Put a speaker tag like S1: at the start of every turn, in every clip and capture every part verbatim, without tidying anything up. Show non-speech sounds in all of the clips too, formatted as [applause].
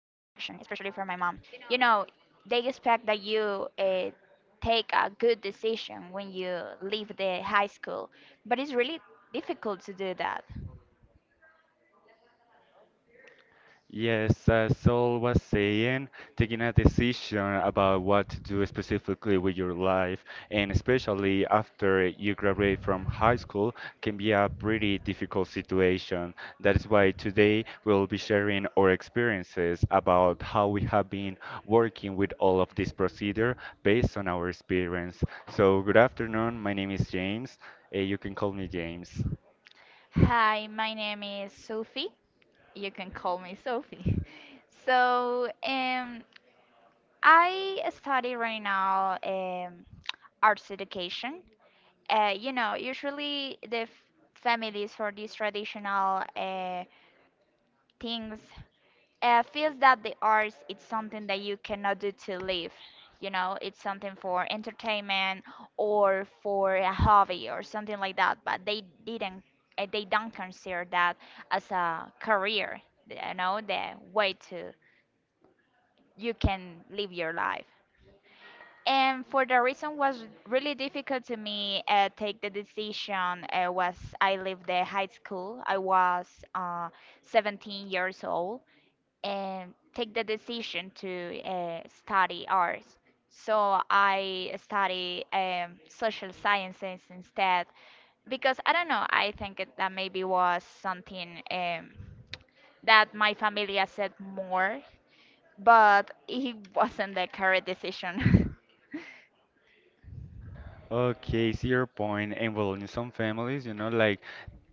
S1: especially for my mom. You know, they expect that you uh, take a good decision when you leave the high school, but it's really difficult to do that.
S2: Yes, as Saul was saying, taking a decision about what to do specifically with your life, and especially after you graduate from high school, can be a pretty difficult situation. That is why today we'll be sharing our experiences about how we have been working with all of this procedure based on our experience. So, good afternoon. My name is James. Uh, you can call me James.
S1: Hi, my name is Sophie. You can call me Sophie. [laughs] So, um, I study right now. Um, arts education. Uh, you know, usually the f- families for these traditional uh, things uh, feels that the arts it's something that you cannot do to live. You know, it's something for entertainment or for a hobby or something like that. But they didn't, uh, they don't consider that as a career. You know, the way to you can live your life. And for the reason was really difficult to me uh, take the decision uh, was I left the high school. I was uh, seventeen years old and take the decision to uh, study arts. So I study um, social sciences instead because I don't know. I think it- that maybe was something um, that my family accept more, but it [laughs] wasn't the correct decision. [laughs]
S2: Okay, see your point. And well, in some families, you know, like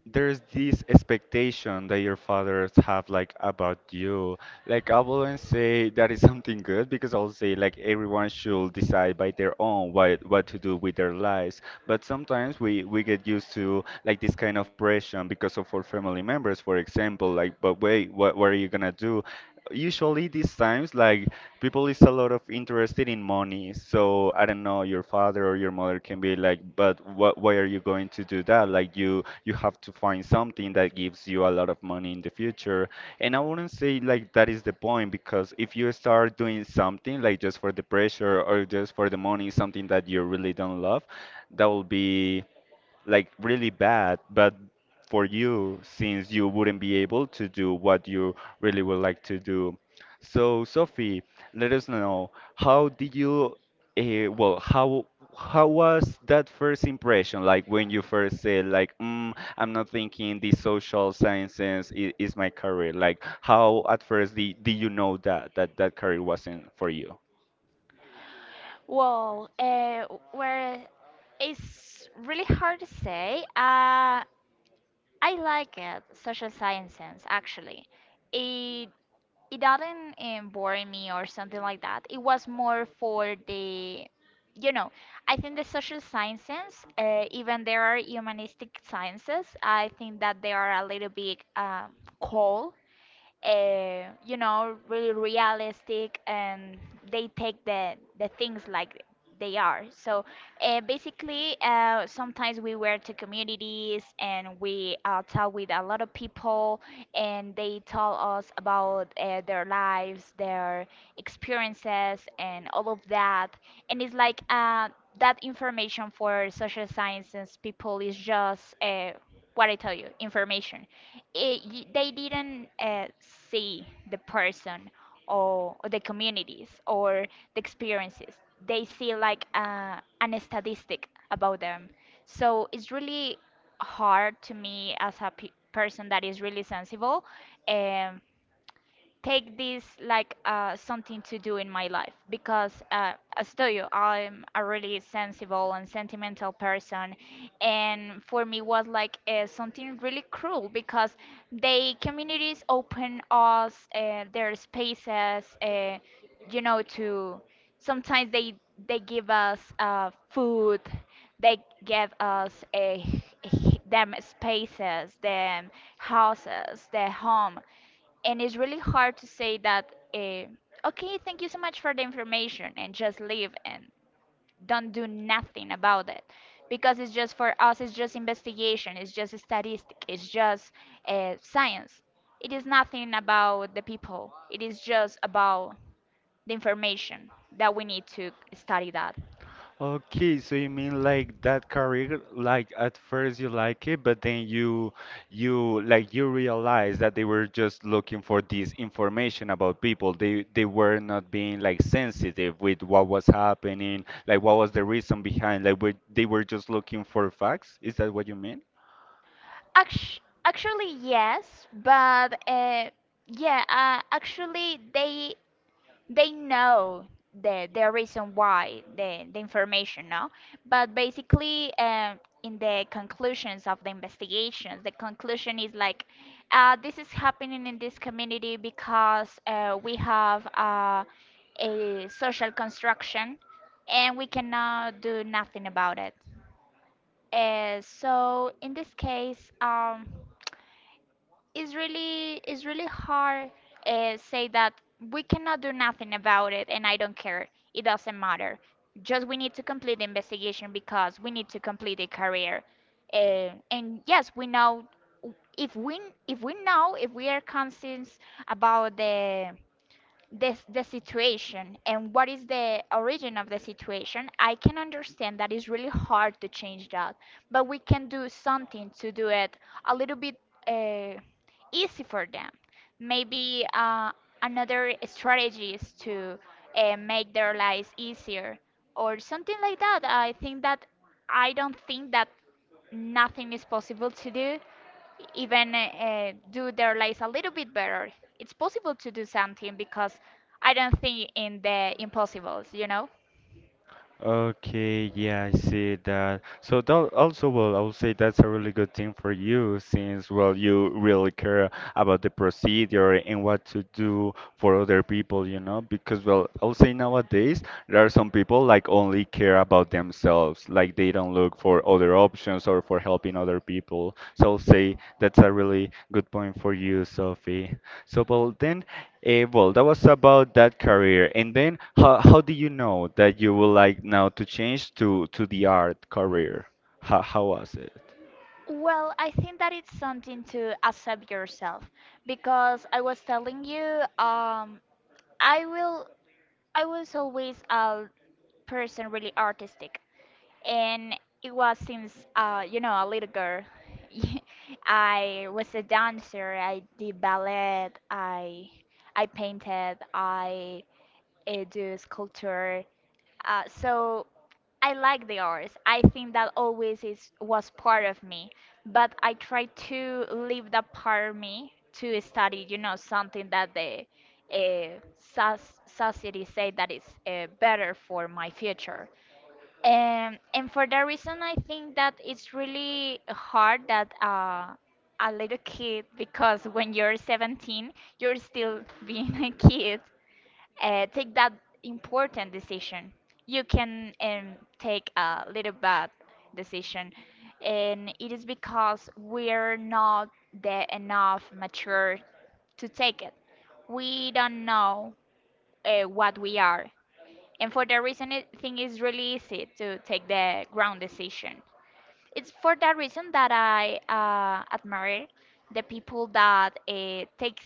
S2: there's this expectation that your fathers have like about you. Like I wouldn't say that is [laughs] something good because I'll say like everyone should decide by their own what what to do with their lives. But sometimes we we get used to like this kind of pressure because of our family members, for example, like, but wait, what what are you gonna do? Usually these times, like people is a lot of interested in money. So I don't know, your father or your mother can be like, but what, why are you going to do that? Like you, you have to find something that gives you a lot of money in the future. And I wouldn't say like that is the point because if you start doing something like just for the pressure or just for the money, something that you really don't love, that will be like really bad, but for you, since you wouldn't be able to do what you really would like to do. So, Sophie, let us know how did you, uh, well, how how was that first impression? Like when you first said, like, mm, I'm not thinking the social sciences is, is my career. Like, how at first did, did you know that that that career wasn't for you?
S1: Well, uh, where it's really hard to say. Uh, I like it, social sciences actually. It it doesn't um, bore me or something like that. It was more for the, you know, I think the social sciences, uh, even there are humanistic sciences. I think that they are a little bit um cold, uh, you know, really realistic, and they take the the things like they are. So uh, basically, uh, sometimes we were to communities and we uh, talk with a lot of people, and they tell us about uh, their lives, their experiences, and all of that. And it's like uh, that information for social sciences people is just uh, what I tell you, information eh, y they didn't uh, see the person or, or the communities or the experiences. They see like uh, an statistic about them. So it's really hard to me as a pe person that is really sensible, um, take this like uh, something to do in my life because uh, as tell you I'm a really sensible and sentimental person, and for me was like uh, something really cruel because the communities open us uh, their spaces, uh, you know, to sometimes they they give us uh, food, they give us a [laughs] them spaces, them houses, their home, and it's really hard to say that, uh, okay, thank you so much for the information, and just leave and don't do nothing about it because it's just for us, it's just investigation, it's just statistic, it's just uh, science. It is nothing about the people, it is just about the information that we need to study that.
S2: Okay, so you mean like that career, like at first you like it, but then you you like you realize that they were just looking for this information about people. They they were not being like sensitive with what was happening, like what was the reason behind, like we, they were just looking for facts. Is that what you mean?
S1: Actu- actually, yes, but uh, yeah, uh, actually they they know the the reason why the the information no, but basically, um in the conclusions of the investigations the conclusion is like, uh, this is happening in this community because uh, we have uh, a social construction and we cannot do nothing about it. Uh, so in this case, um it's really it's really hard, uh, say that we cannot do nothing about it and I don't care. It doesn't matter. Just we need to complete the investigation because we need to complete the career. Uh, and yes, we know if we if we know if we are conscious about the this the situation and what is the origin of the situation, I can understand that it's really hard to change that, but we can do something to do it a little bit uh, easy for them. Maybe uh, another strategy is to uh, make their lives easier or something like that. I think that I don't think that nothing is possible to do, even uh, do their lives a little bit better. It's possible to do something because I don't think in the impossibles, you know?
S2: Okay, yeah, I see that. So that also, well, I would say that's a really good thing for you since, well, you really care about the procedure and what to do for other people, you know? Because, well, I would say nowadays there are some people like only care about themselves, like they don't look for other options or for helping other people. So I'll say that's a really good point for you, Sophie. So, well, then. Eh, well, that was about that career. And then how how do you know that you would like now to change to to the art career? How how was it?
S1: Well, I think that it's something to accept yourself because I was telling you, um, I will I was always a person really artistic, and it was since, uh you know, a little girl. [laughs] I was a dancer, I did ballet, I I painted, I uh, do sculpture. Uh, so I like the arts. I think that always is was part of me, but I try to leave that part of me to study, you know, something that the uh, soc- society say that is uh, better for my future. And and for that reason, I think that it's really hard that. Uh, a little kid, because when you're seventeen you're still [laughs] being a kid, uh, take that important decision. You can, um, take a little bad decision, and it is because we're not the enough mature to take it. We don't know uh, what we are, and for that reason, I think it's really easy to take the wrong decision. It's for that reason that I uh, admire the people that uh, takes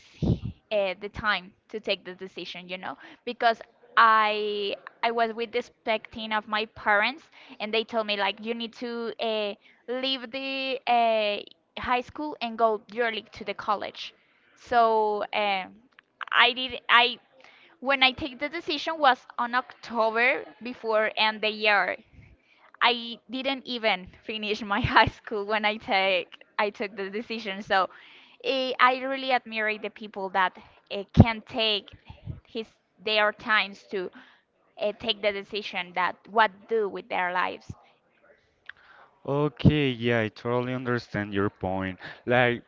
S1: uh, the time to take the decision, you know, because I I was with the expecting of my parents, and they told me like you need to uh, leave the uh, high school and go directly to the college. So uh, I did I when I take the decision was on October before end the year. I didn't even finish my [laughs] high school when I take I took the decision. So eh, I really admire the people that uh, can take his their times to uh, take the decision that what do with their lives.
S2: Okay, yeah, I totally understand your point. Like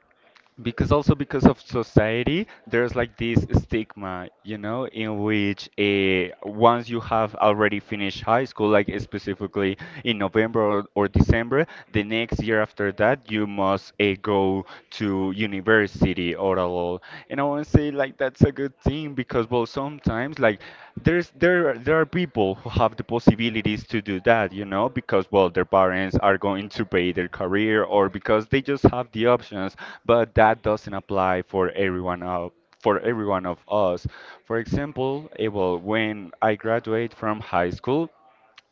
S2: because also because of society, there's like this stigma, you know in which, uh, once you have already finished high school, like, eh, specifically in November or, or December the next year after that, you must uh, go to university or all. And I want to say like that's a good thing because well sometimes like there's there are- there are people who have the possibilities to do that, you know because well their parents are going to pay their career or because they just have the options, but that doesn't apply for everyone of for everyone of us. For example, eh, well, when I graduate from high school,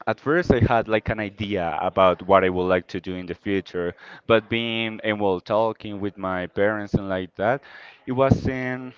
S2: at first I had like an idea about what I would like to do in the future, but being and well talking with my parents and like that, it wasn't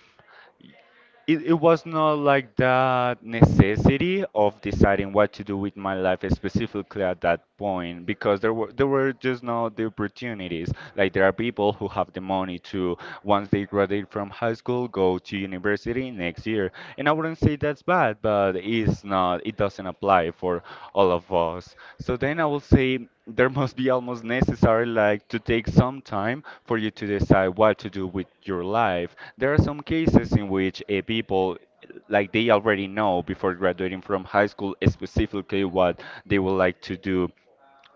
S2: it, it was not like that necessity of deciding what to do with my life specifically at that point because there were there were just not the opportunities. Like there are people who have the money to once they graduate from high school go to university next year. And I wouldn't say that's bad, but it's not it doesn't apply for all of us. So then I will say there must be almost necessary like to take some time for you to decide what to do with your life. There are some cases in which a people like they already know before graduating from high school specifically what they would like to do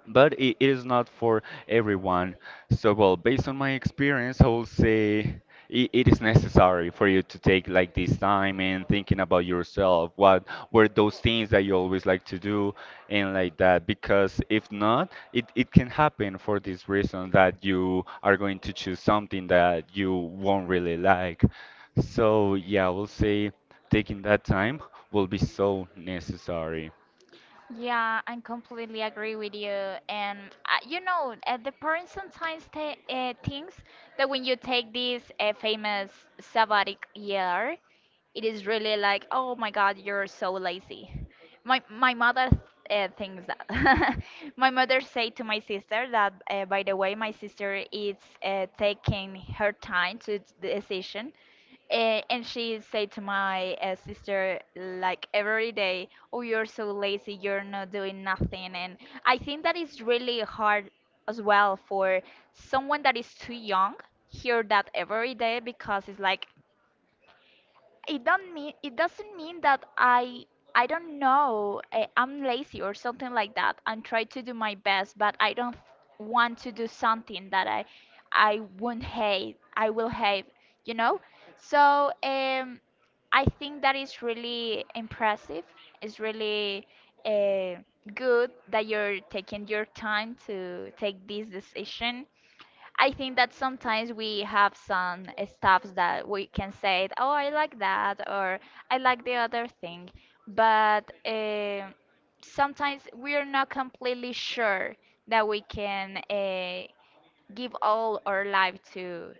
S2: but it, it is not for everyone. So, well, based on my experience, I will say it, it is necessary for you to take like this time and thinking about yourself. What were those things that you always like to do and like that? Because if not, it, it can happen for this reason that you are going to choose something that you won't really like. So, yeah, I will say taking that time will be so necessary.
S1: Yeah, I completely agree with you. And uh, you know, uh, the parents sometimes ta uh, thinks that when you take this uh, famous sabbatic year, it is really like, oh my God, you're so lazy. My my mother uh, thinks that. [laughs] my mother said to my sister that, uh, by the way, my sister is uh, taking her time to d- the decision, uh, and she said to my, uh, sister, like every day, oh, you're so lazy, you're not doing nothing. And I think that is really hard as well for someone that is too young hear that every day, because it's like it don't mean it doesn't mean that I I don't know, eh, I'm lazy or something like that. I'm trying to do my best, but I don't want to do something that I I won't hate. I will hate, you know. So um, I think that is really impressive. It's really uh, good that you're taking your time to take this decision. I think that sometimes we have some stuffs that we can say, oh, I like that, or I like the other thing, but uh, sometimes we're not completely sure that we can, uh, give all our life to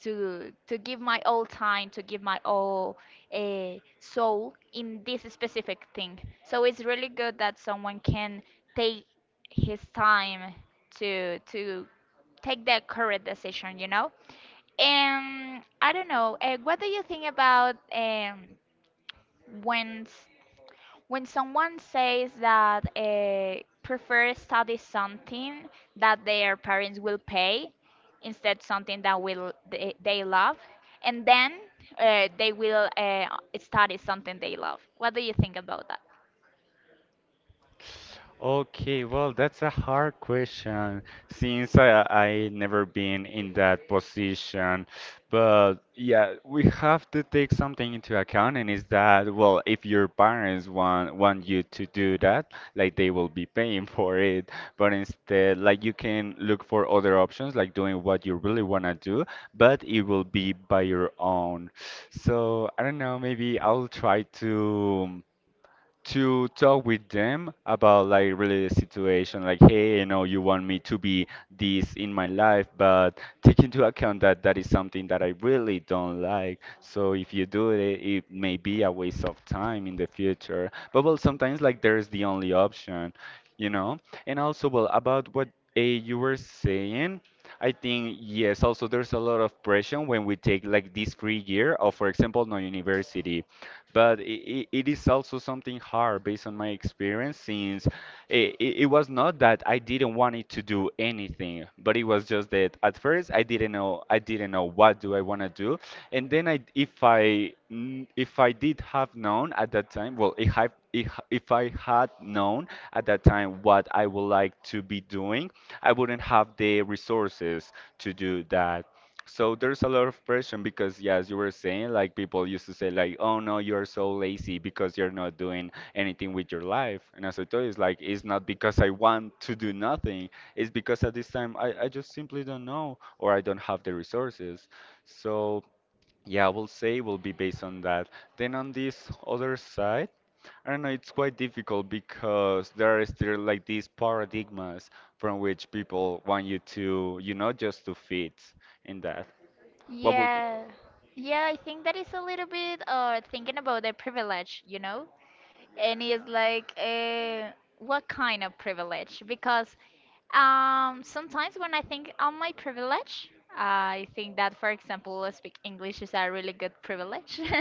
S1: to to give my all time, to give my all uh, soul in this specific thing. So it's really good that someone can take his time to to take the correct decision, you know? And I don't know, uh, what do you think about, um, when s- when someone says that uh, prefer study something that their parents will pay instead something that will they, they love, and then uh, they will uh, study something they love. What do you think about that?
S2: Okay, well, that's a hard question since I I never been in that position. But yeah, we have to take something into account, and is that, well, if your parents want want you to do that, like they will be paying [laughs] for it. But instead, like you can look for other options, like doing what you really wanna do, but it will be by your own. So I don't know, maybe I'll try to to talk with them about like really the situation, like, hey, you know you want me to be this in my life, but take into account that that is something that I really don't like. So if you do it, it may be a waste of time in the future, but well sometimes like there is the only option, you know and also well about what uh, you were saying. I think yes, also there's a lot of pressure when we take like this free year or for example no university, but it, it is also something hard based on my experience since it, it, it was not that I didn't want it to do anything, but it was just that at first I didn't know I didn't know what do I want to do. And then I if I kn- if I did have known at that time, well, if I if if I had known at that time what I would like to be doing, I wouldn't have the resources to do that. So there's a lot of pressure because, yeah, as you were saying, like people used to say, like, "Oh no, you're so lazy because you're not doing anything with your life." And as I told you, it's like it's not because I want to do nothing. It's because at this time I, I just simply don't know or I don't have the resources. So yeah, I will say will be based on that. Then on this other side, I don't know, it's quite difficult because there are still like these paradigmas from which people want you to, you know, just to fit in that. What would you do?
S1: Yeah. Yeah, I think that is a little bit, uh thinking about the privilege, you know? And it's like, uh, what kind of privilege? Because, um, sometimes when I think on my privilege, I think that, for example, speak English is a really good privilege. [laughs]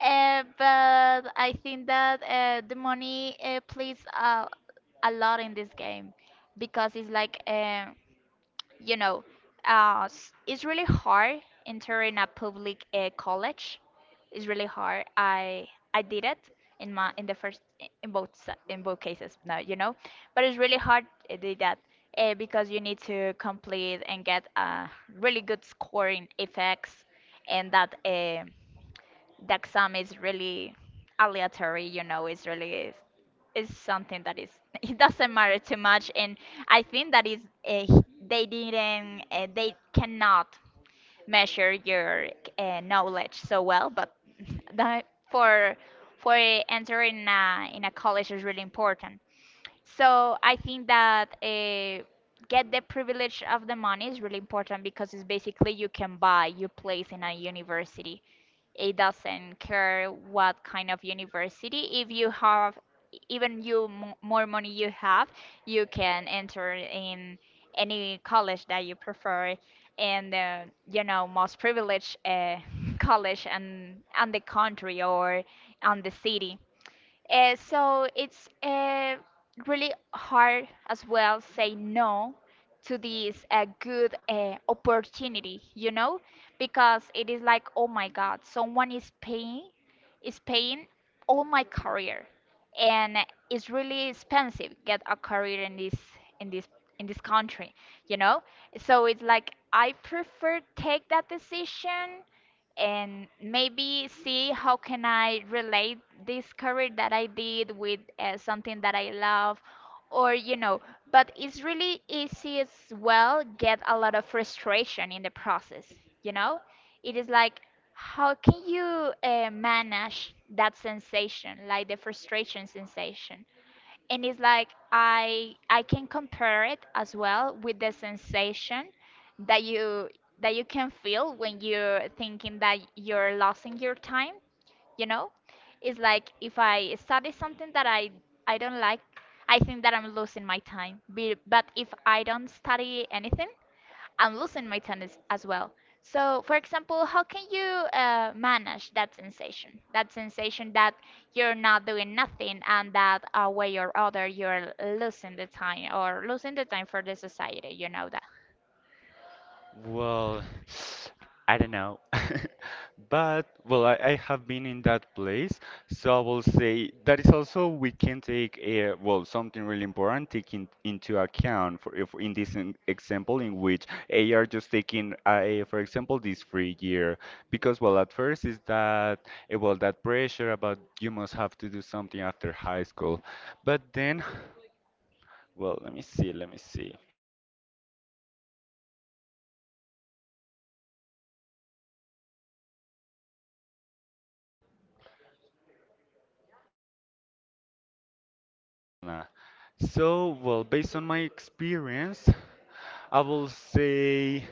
S1: uh, but I think that uh, the money uh, plays a, a lot in this game because it's like, um you know, uh, s- it's really hard entering a public uh, college. It's really hard. I I did it in my in the first, in both s- in both cases now, you know, but it's really hard uh, to do that uh, because you need to complete and get a really good score in F X and that. Uh, the exam is really aleatory, you know, it's really is is something that is. [laughs] It doesn't matter too much, and I think that is, uh, they didn't uh, they cannot measure your uh, knowledge so well, but [laughs] that, for for entering a, in a college, is really important. So I think that, uh, get the privilege of the money is really important because it's basically you can buy your place in a university. It doesn't care what kind of university. If you have, even you mo- more money you have, you can enter in any college that you prefer, and, uh, you know, most privileged uh, [laughs] college and and the country or on the city. Uh, so it's uh, really hard as well say no to this uh, good uh, opportunity, you know, because it is like, oh my God, someone is paying, is paying all my career, and it's really expensive get a career in this in this in this country, you know. So it's like I prefer take that decision and maybe see how can I relate this career that I did with uh, something that I love or you know but it's really easy as well get a lot of frustration in the process, you know. It is like how can you uh, manage that sensation, like the frustration sensation. And it's like I I can compare it as well with the sensation that you that you can feel when you're thinking that you're losing your time, you know? It's like if I study something that I I don't like, I think that I'm losing my time. Be- But if I don't study anything, I'm losing my tone as, as well. So, for example, how can you uh, manage that sensation? That sensation that you're not doing nothing and that a way or other you're losing the time or losing the time for the society, you know that.
S2: Well, [sighs] I don't know. [laughs] But, well, I, I have been in that place, so I will say that is also we can take a, well, something really important taking into account for if in this in- example in which A R just taking, uh, for example, this free year because, well, at first is that, eh, well, that pressure about you must have to do something after high school, but then, [sighs] well, let me see, let me see. Elena. So, well, based on my experience, I will say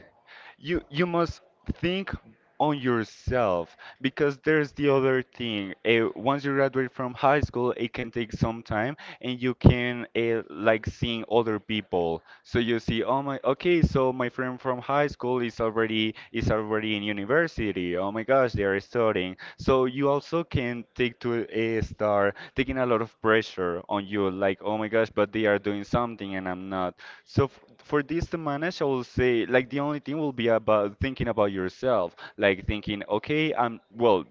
S2: you you must think on yourself because there's the other thing. Uh, once you graduate from high school, it can take some time, and you can uh, like seeing other people. So you see, oh my, okay, so my friend from high school is already is already in university. Oh my gosh, they are studying. So you also can take to a start taking a lot of pressure on you, like oh my gosh, but they are doing something and I'm not. So f for this to manage, I will say like the only thing will be about thinking about yourself, like thinking, okay, I'm well,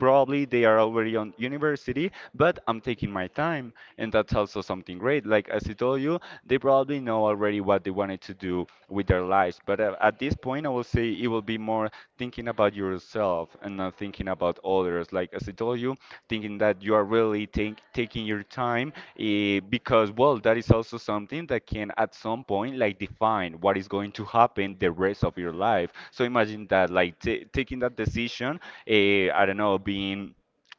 S2: probably they are already on university, but I'm taking my time, and that's also something great. Like as I told you, they probably know already what they wanted to do with their lives, but uh, at this point, I will say it will be more thinking about yourself and not thinking about others. Like as I told you, thinking that you are really take, taking your time. Eh, because, well, that is also something that can at some point like define what is going to happen the rest of your life. So imagine that, like t taking that decision, eh, I don't know, being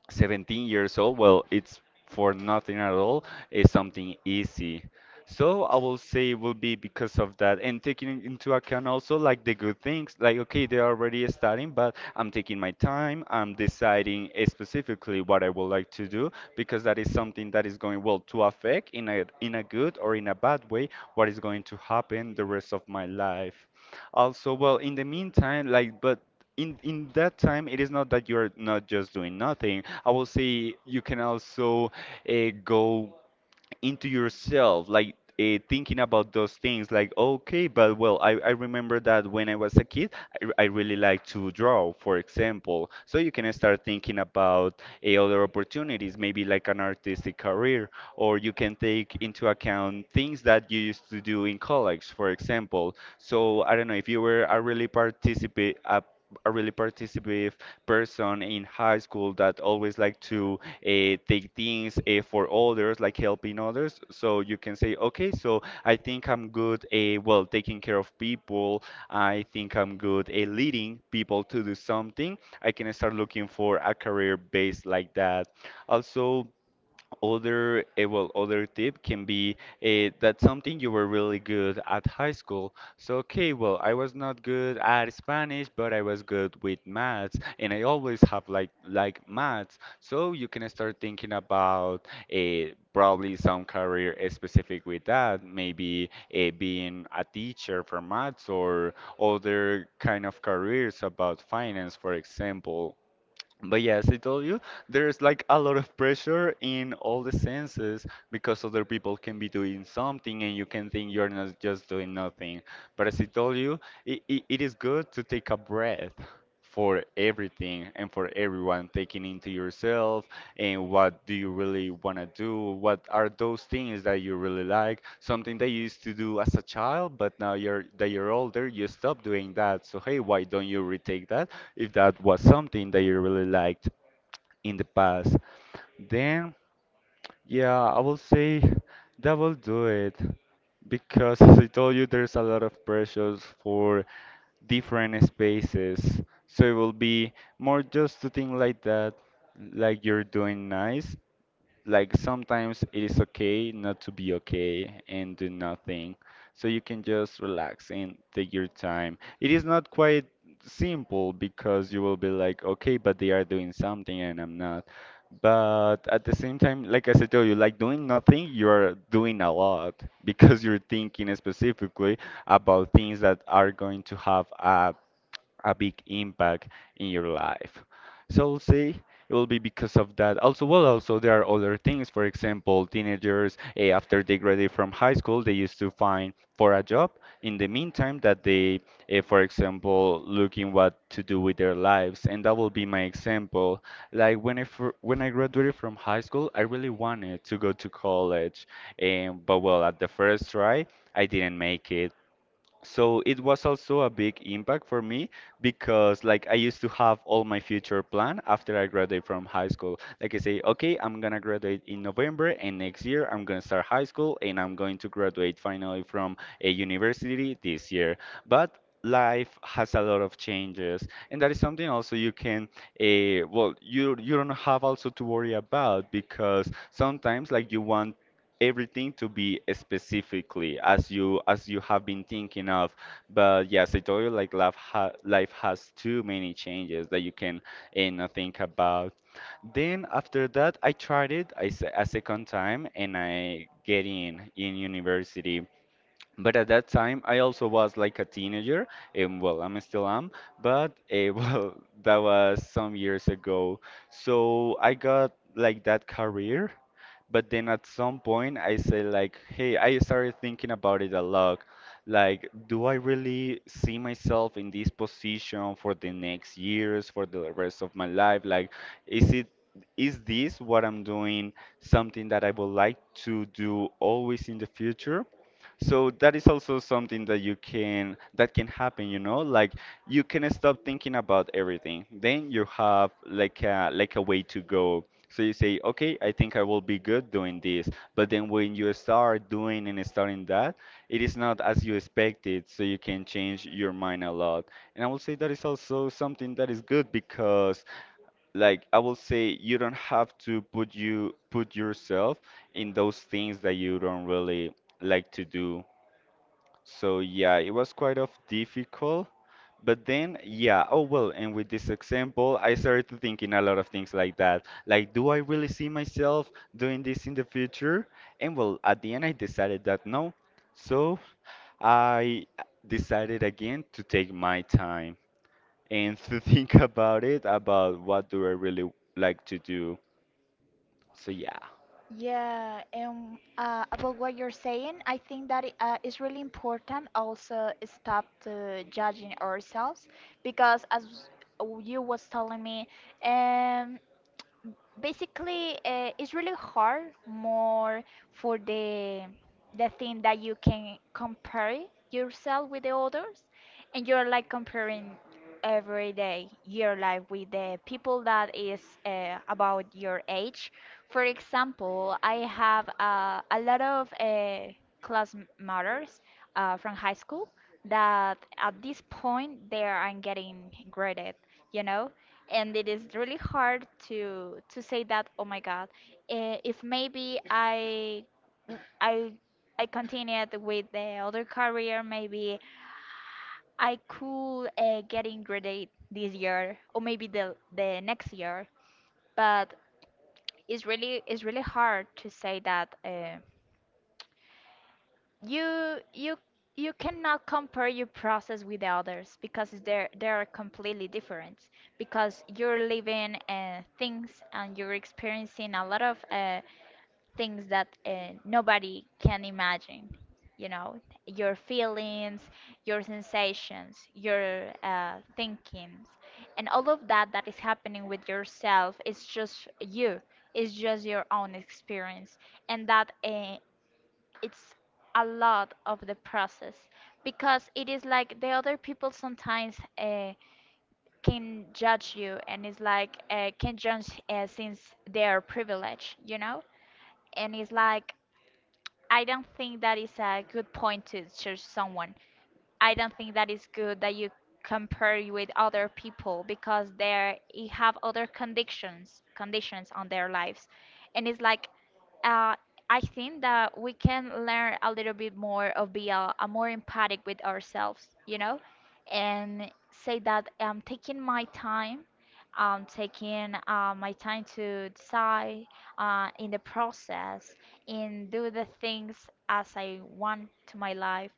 S2: seventeen years old, well, it's for nothing at all. It's something easy. So I will say it will be because of that, and taking into account also like the good things. Like, okay, they're already starting, but I'm taking my time. I'm deciding eh, specifically what I would like to do because that is something that is going well to affect in a in a good or in a bad way what is going to happen the rest of my life. Also, well, in the meantime, like, but in in that time, it is not that you're not just doing nothing. I will say you can also uh, go into yourself, like uh, thinking about those things, like, okay, but well, I, I remember that when I was a kid, I, r- I really like to draw, for example. So you can start thinking about eh, other opportunities, maybe like an artistic career, or you can take into account things that you used to do in college, for example. So I don't know if you were a really participate a a really participative person in high school that always liked to uh, take things uh, for others, like helping others. So you can say, okay, so I think I'm good, uh, well, taking care of people. I think I'm good at leading people to do something. I can start looking for a career based like that. Also, other, eh, well, other tip can be uh, that something you were really good at high school. So, okay, well, I was not good at Spanish, but I was good with maths, and I always have like like maths. So you can start thinking about uh, probably some career eh, specific with that, maybe uh, being a teacher for maths or other kind of careers about finance, for example. But yeah, as I told you, there's like a lot of pressure in all the senses because other people can be doing something and you can think you're not just doing nothing. But as I told you, it, it, it is good to take a breath for everything and for everyone, taking into yourself and what do you really want to do? What are those things that you really like? Something that you used to do as a child, but now you're that you're older, you stop doing that. So hey, why don't you retake that? If that was something that you really liked in the past, then yeah, I will say that will do it. Because as I told you, there's a lot of pressures for different spaces. So it will be more just to think like that, like you're doing nice, like sometimes it is okay not to be okay and do nothing. So you can just relax and take your time. It is not quite simple because you will be like, okay, but they are doing something and I'm not. But at the same time, like as I told you, like doing nothing, you're doing a lot [laughs] because you're thinking specifically about things that are going to have a a big impact in your life. So see, it will be because of that. Also, well, also there are other things. For example, teenagers eh, after they graduate from high school, they used to find for a job. In the meantime, that they, eh, for example, looking what to do with their lives, and that will be my example. Like when I fir- when I graduated from high school, I really wanted to go to college, and but well, at the first try, I didn't make it. So it was also a big impact for me because like I used to have all my future plan after I graduate from high school. Like I say, okay, I'm gonna graduate in November and next year I'm gonna start high school and I'm going to graduate finally from a university this year. But life has a lot of changes and that is something also you can, uh, well, you you don't have also to worry about because sometimes like you want everything to be specifically as you as you have been thinking of. But yes, I told you, like life ha life has too many changes that you can and uh, think about. Then after that, I tried it, I s a second time and I get in in university. But at that time, I also was like a teenager, and well, I'm still am, but uh, [laughs] well, that was some years ago. So I got like that career, but then at some point, I say like, hey, I started thinking about it a lot. Like, do I really see myself in this position for the next years, for the rest of my life? Like, is it is this what I'm doing something that I would like to do always in the future? So that is also something that you can that can happen, you know? Like you can stop thinking about everything. Then you have like a like a way to go. So you say, okay, I think I will be good doing this. But then when you start doing and starting that, it is not as you expected, so you can change your mind a lot. And I will say that is also something that is good because like I will say you don't have to put you put yourself in those things that you don't really like to do, so yeah, it was quite of difficult. But then yeah, oh well, and with this example, I started thinking a lot of things like that. Like, do I really see myself doing this in the future? And well, at the end, I decided that no. So I decided again to take my time and to [laughs] think about it, about what do I really like to do. So yeah.
S1: Yeah, and uh, about what you're saying, I think that it, uh, it's really important also stop to judging ourselves because as w- you was telling me, um, basically uh, it's really hard more for the the thing that you can compare yourself with the others, and you're like comparing every day your life with the people that is uh, about your age. For example, I have uh, a lot of uh, classmates uh, from high school that at this point they are getting graded, you know. And it is really hard to to say that oh my god, eh, if maybe i i i continued with the other career, maybe I could uh, get graduate this year or maybe the the next year. But it's really it's really hard to say that uh, you you you cannot compare your process with others because they're they're completely different, because you're living uh, things and you're experiencing a lot of uh, things that uh, nobody can imagine, you know. Your feelings, your sensations, your uh, thinkings, and all of that that is happening with yourself is just you. It's just your own experience. And that uh, it's a lot of the process. Because it is like the other people sometimes uh, can judge you, and it's like uh, can judge uh, since they are privileged, you know. And it's like I don't think that is a good point to judge someone. I don't think that is good that you compare you with other people because they have other conditions, conditions on their lives. And it's like uh, I think that we can learn a little bit more of be a, a more empathic with ourselves, you know, and say that I'm taking my time, I'm taking uh, my time to decide uh, in the process, and do the things as I want to my life,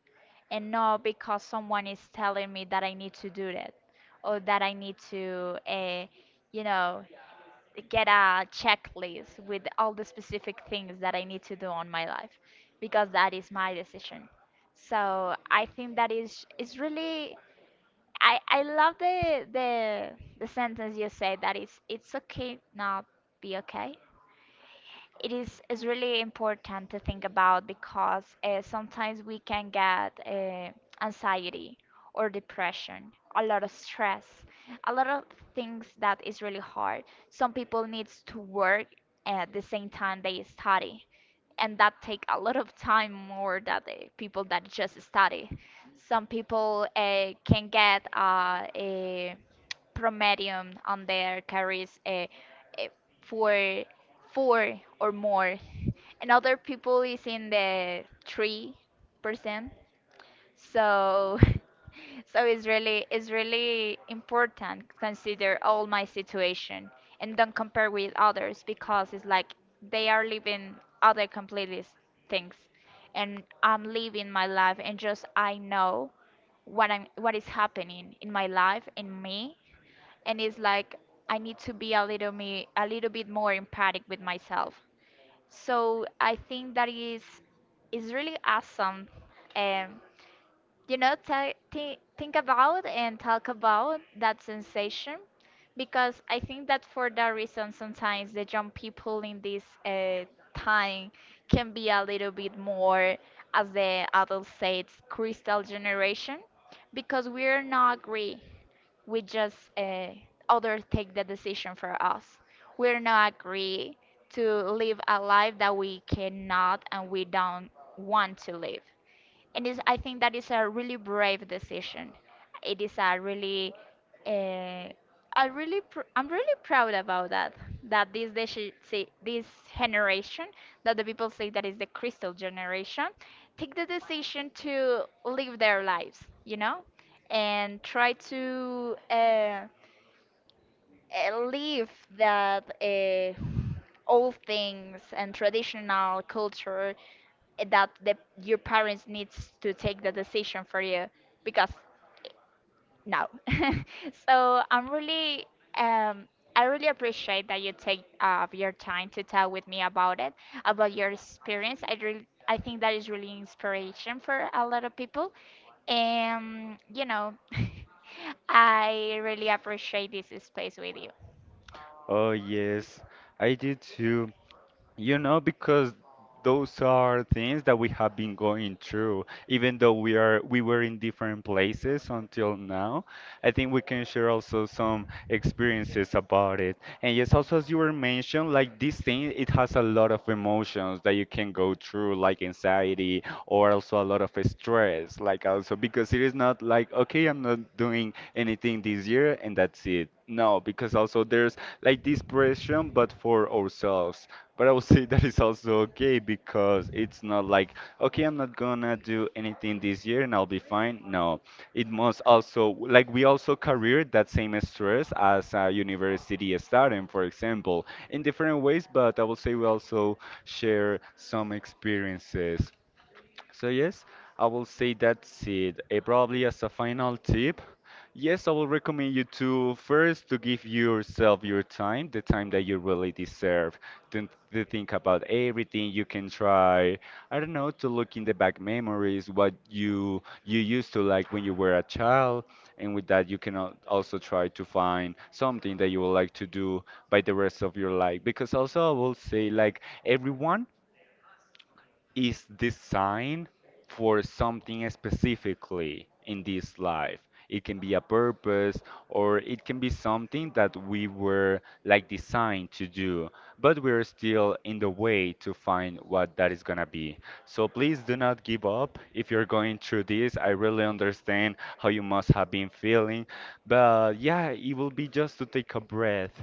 S1: and not because someone is telling me that I need to do that or that I need to, uh, you know, get a checklist with all the specific things that I need to do on my life, because that is my decision. So I think that is is really, I, I love the the the sentence you say that it's it's okay not be okay. It is is really important to think about, because uh, sometimes we can get uh, anxiety or depression, a lot of stress, a lot of things that is really hard. Some people needs to work at the same time they study, and that take a lot of time more than the people that just study. Some people uh, can get uh, a Promedium on there carries a, a four, four or more, and other people is in the three percent. So, [laughs] so it's really it's really important consider all my situation and don't compare with others, because it's like they are living other completely s- things, and I'm living my life and just I know what I'm what is happening in my life in me. And it's like I need to be a little me a little bit more empathic with myself. So I think that is is really awesome. Um, you know, ta- thi- think about and talk about that sensation, because I think that for that reason, sometimes the young people in this uh, time can be a little bit more, as the adults say, it's crystal generation, because we're not agree. We just uh, others take the decision for us. We're not agree to live a life that we cannot and we don't want to live. And is I think that is a really brave decision. It is a really, uh, I really, pr- I'm really proud about that. That this deci- si- this generation, that the people say that is the crystal generation, take the decision to live their lives, you know, and try to uh, uh, live that uh, old things and traditional culture that the, your parents needs to take the decision for you, because no. [laughs] So I'm really um I really appreciate that you take uh, your time to tell with me about it, about your experience. I really, I think that is really inspiration for a lot of people, and you know. [laughs] I really appreciate this space with you.
S2: Oh yes, I do too. You know, because those are things that we have been going through, even though we are we were in different places until now. I think we can share also some experiences about it. And yes, also as you were mentioned, like this thing, it has a lot of emotions that you can go through, like anxiety or also a lot of stress, like also because it is not like, okay, I'm not doing anything this year and that's it. No, because also there's like this pressure, but for ourselves, but I would say that is also okay because it's not like, okay, I'm not gonna do anything this year and I'll be fine. No, it must also, like, we also carry that same stress as a university student, for example, in different ways, but I would say we also share some experiences, so yes, I will say that's it. Eh, probably as a final tip, yes, I will recommend you to first to give yourself your time, the time that you really deserve. Then to think about everything you can try. I don't know, to look in the back memories, what you you used to like when you were a child, and with that you can al- also try to find something that you would like to do by the rest of your life. Because also I will say like everyone is designed for something specifically in this life. It can be a purpose or it can be something that we were like designed to do, but we're still in the way to find what that is gonna be. So please do not give up if you're going through this. I really understand how you must have been feeling, but yeah, it will be just to take a breath.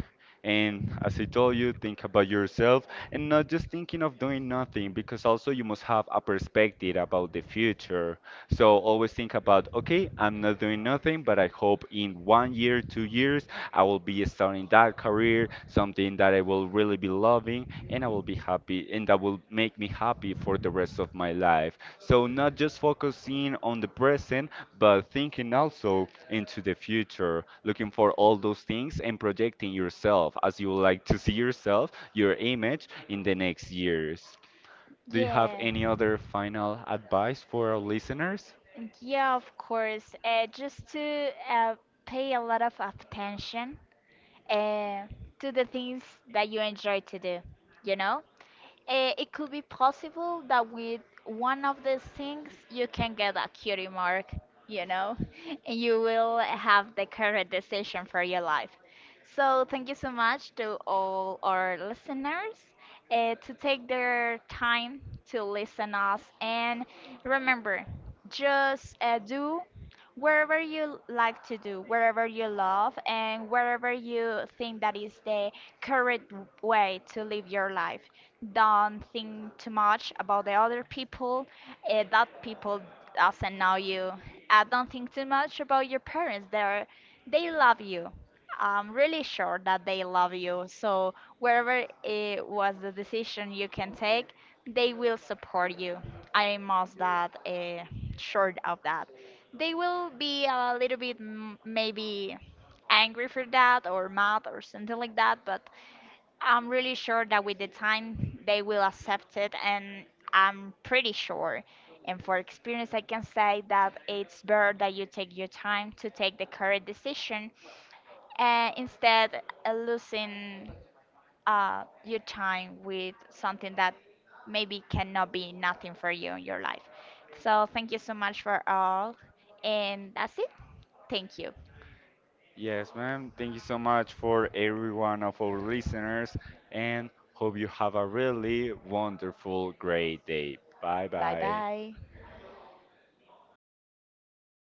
S2: And as I told you, think about yourself and not just thinking of doing nothing because also you must have a perspective about the future. So always think about, okay, I'm not doing nothing, but I hope in one year, two years, I will be starting that career, something that I will really be loving and I will be happy and that will make me happy for the rest of my life. So not just focusing on the present, but thinking also into the future, looking for all those things and projecting yourself as you would like to see yourself, your image in the next years. Do you have
S1: Yeah.
S2: any other final advice for our listeners?
S1: Yeah, of course. Uh, just to uh, pay a lot of attention uh, to the things that you enjoy to do, you know? Uh, it could be possible that with one of these things you can get a cutie mark, you know, [laughs] and you will have the correct decision for your life. So thank you so much to all our listeners, uh, to take their time to listen us, and remember, just uh, do wherever you like to do, wherever you love, and wherever you think that is the correct way to live your life. Don't think too much about the other people, uh, that people doesn't know you. Uh, don't think too much about your parents. They're they love you. I'm really sure that they love you. So wherever it was the decision you can take, they will support you. I'm most that uh, sure of that. They will be a little bit m- maybe angry for that, or mad or something like that, but I'm really sure that with the time they will accept it, and I'm pretty sure. And for experience, I can say that it's better that you take your time to take the correct decision, and instead uh, losing uh, your time with something that maybe cannot be nothing for you in your life. So thank you so much for all, and that's it. Thank you.
S2: Yes, ma'am. Thank you so much for every one of our listeners and hope you have a really wonderful, great day. Bye
S1: Bye
S2: bye.
S1: bye.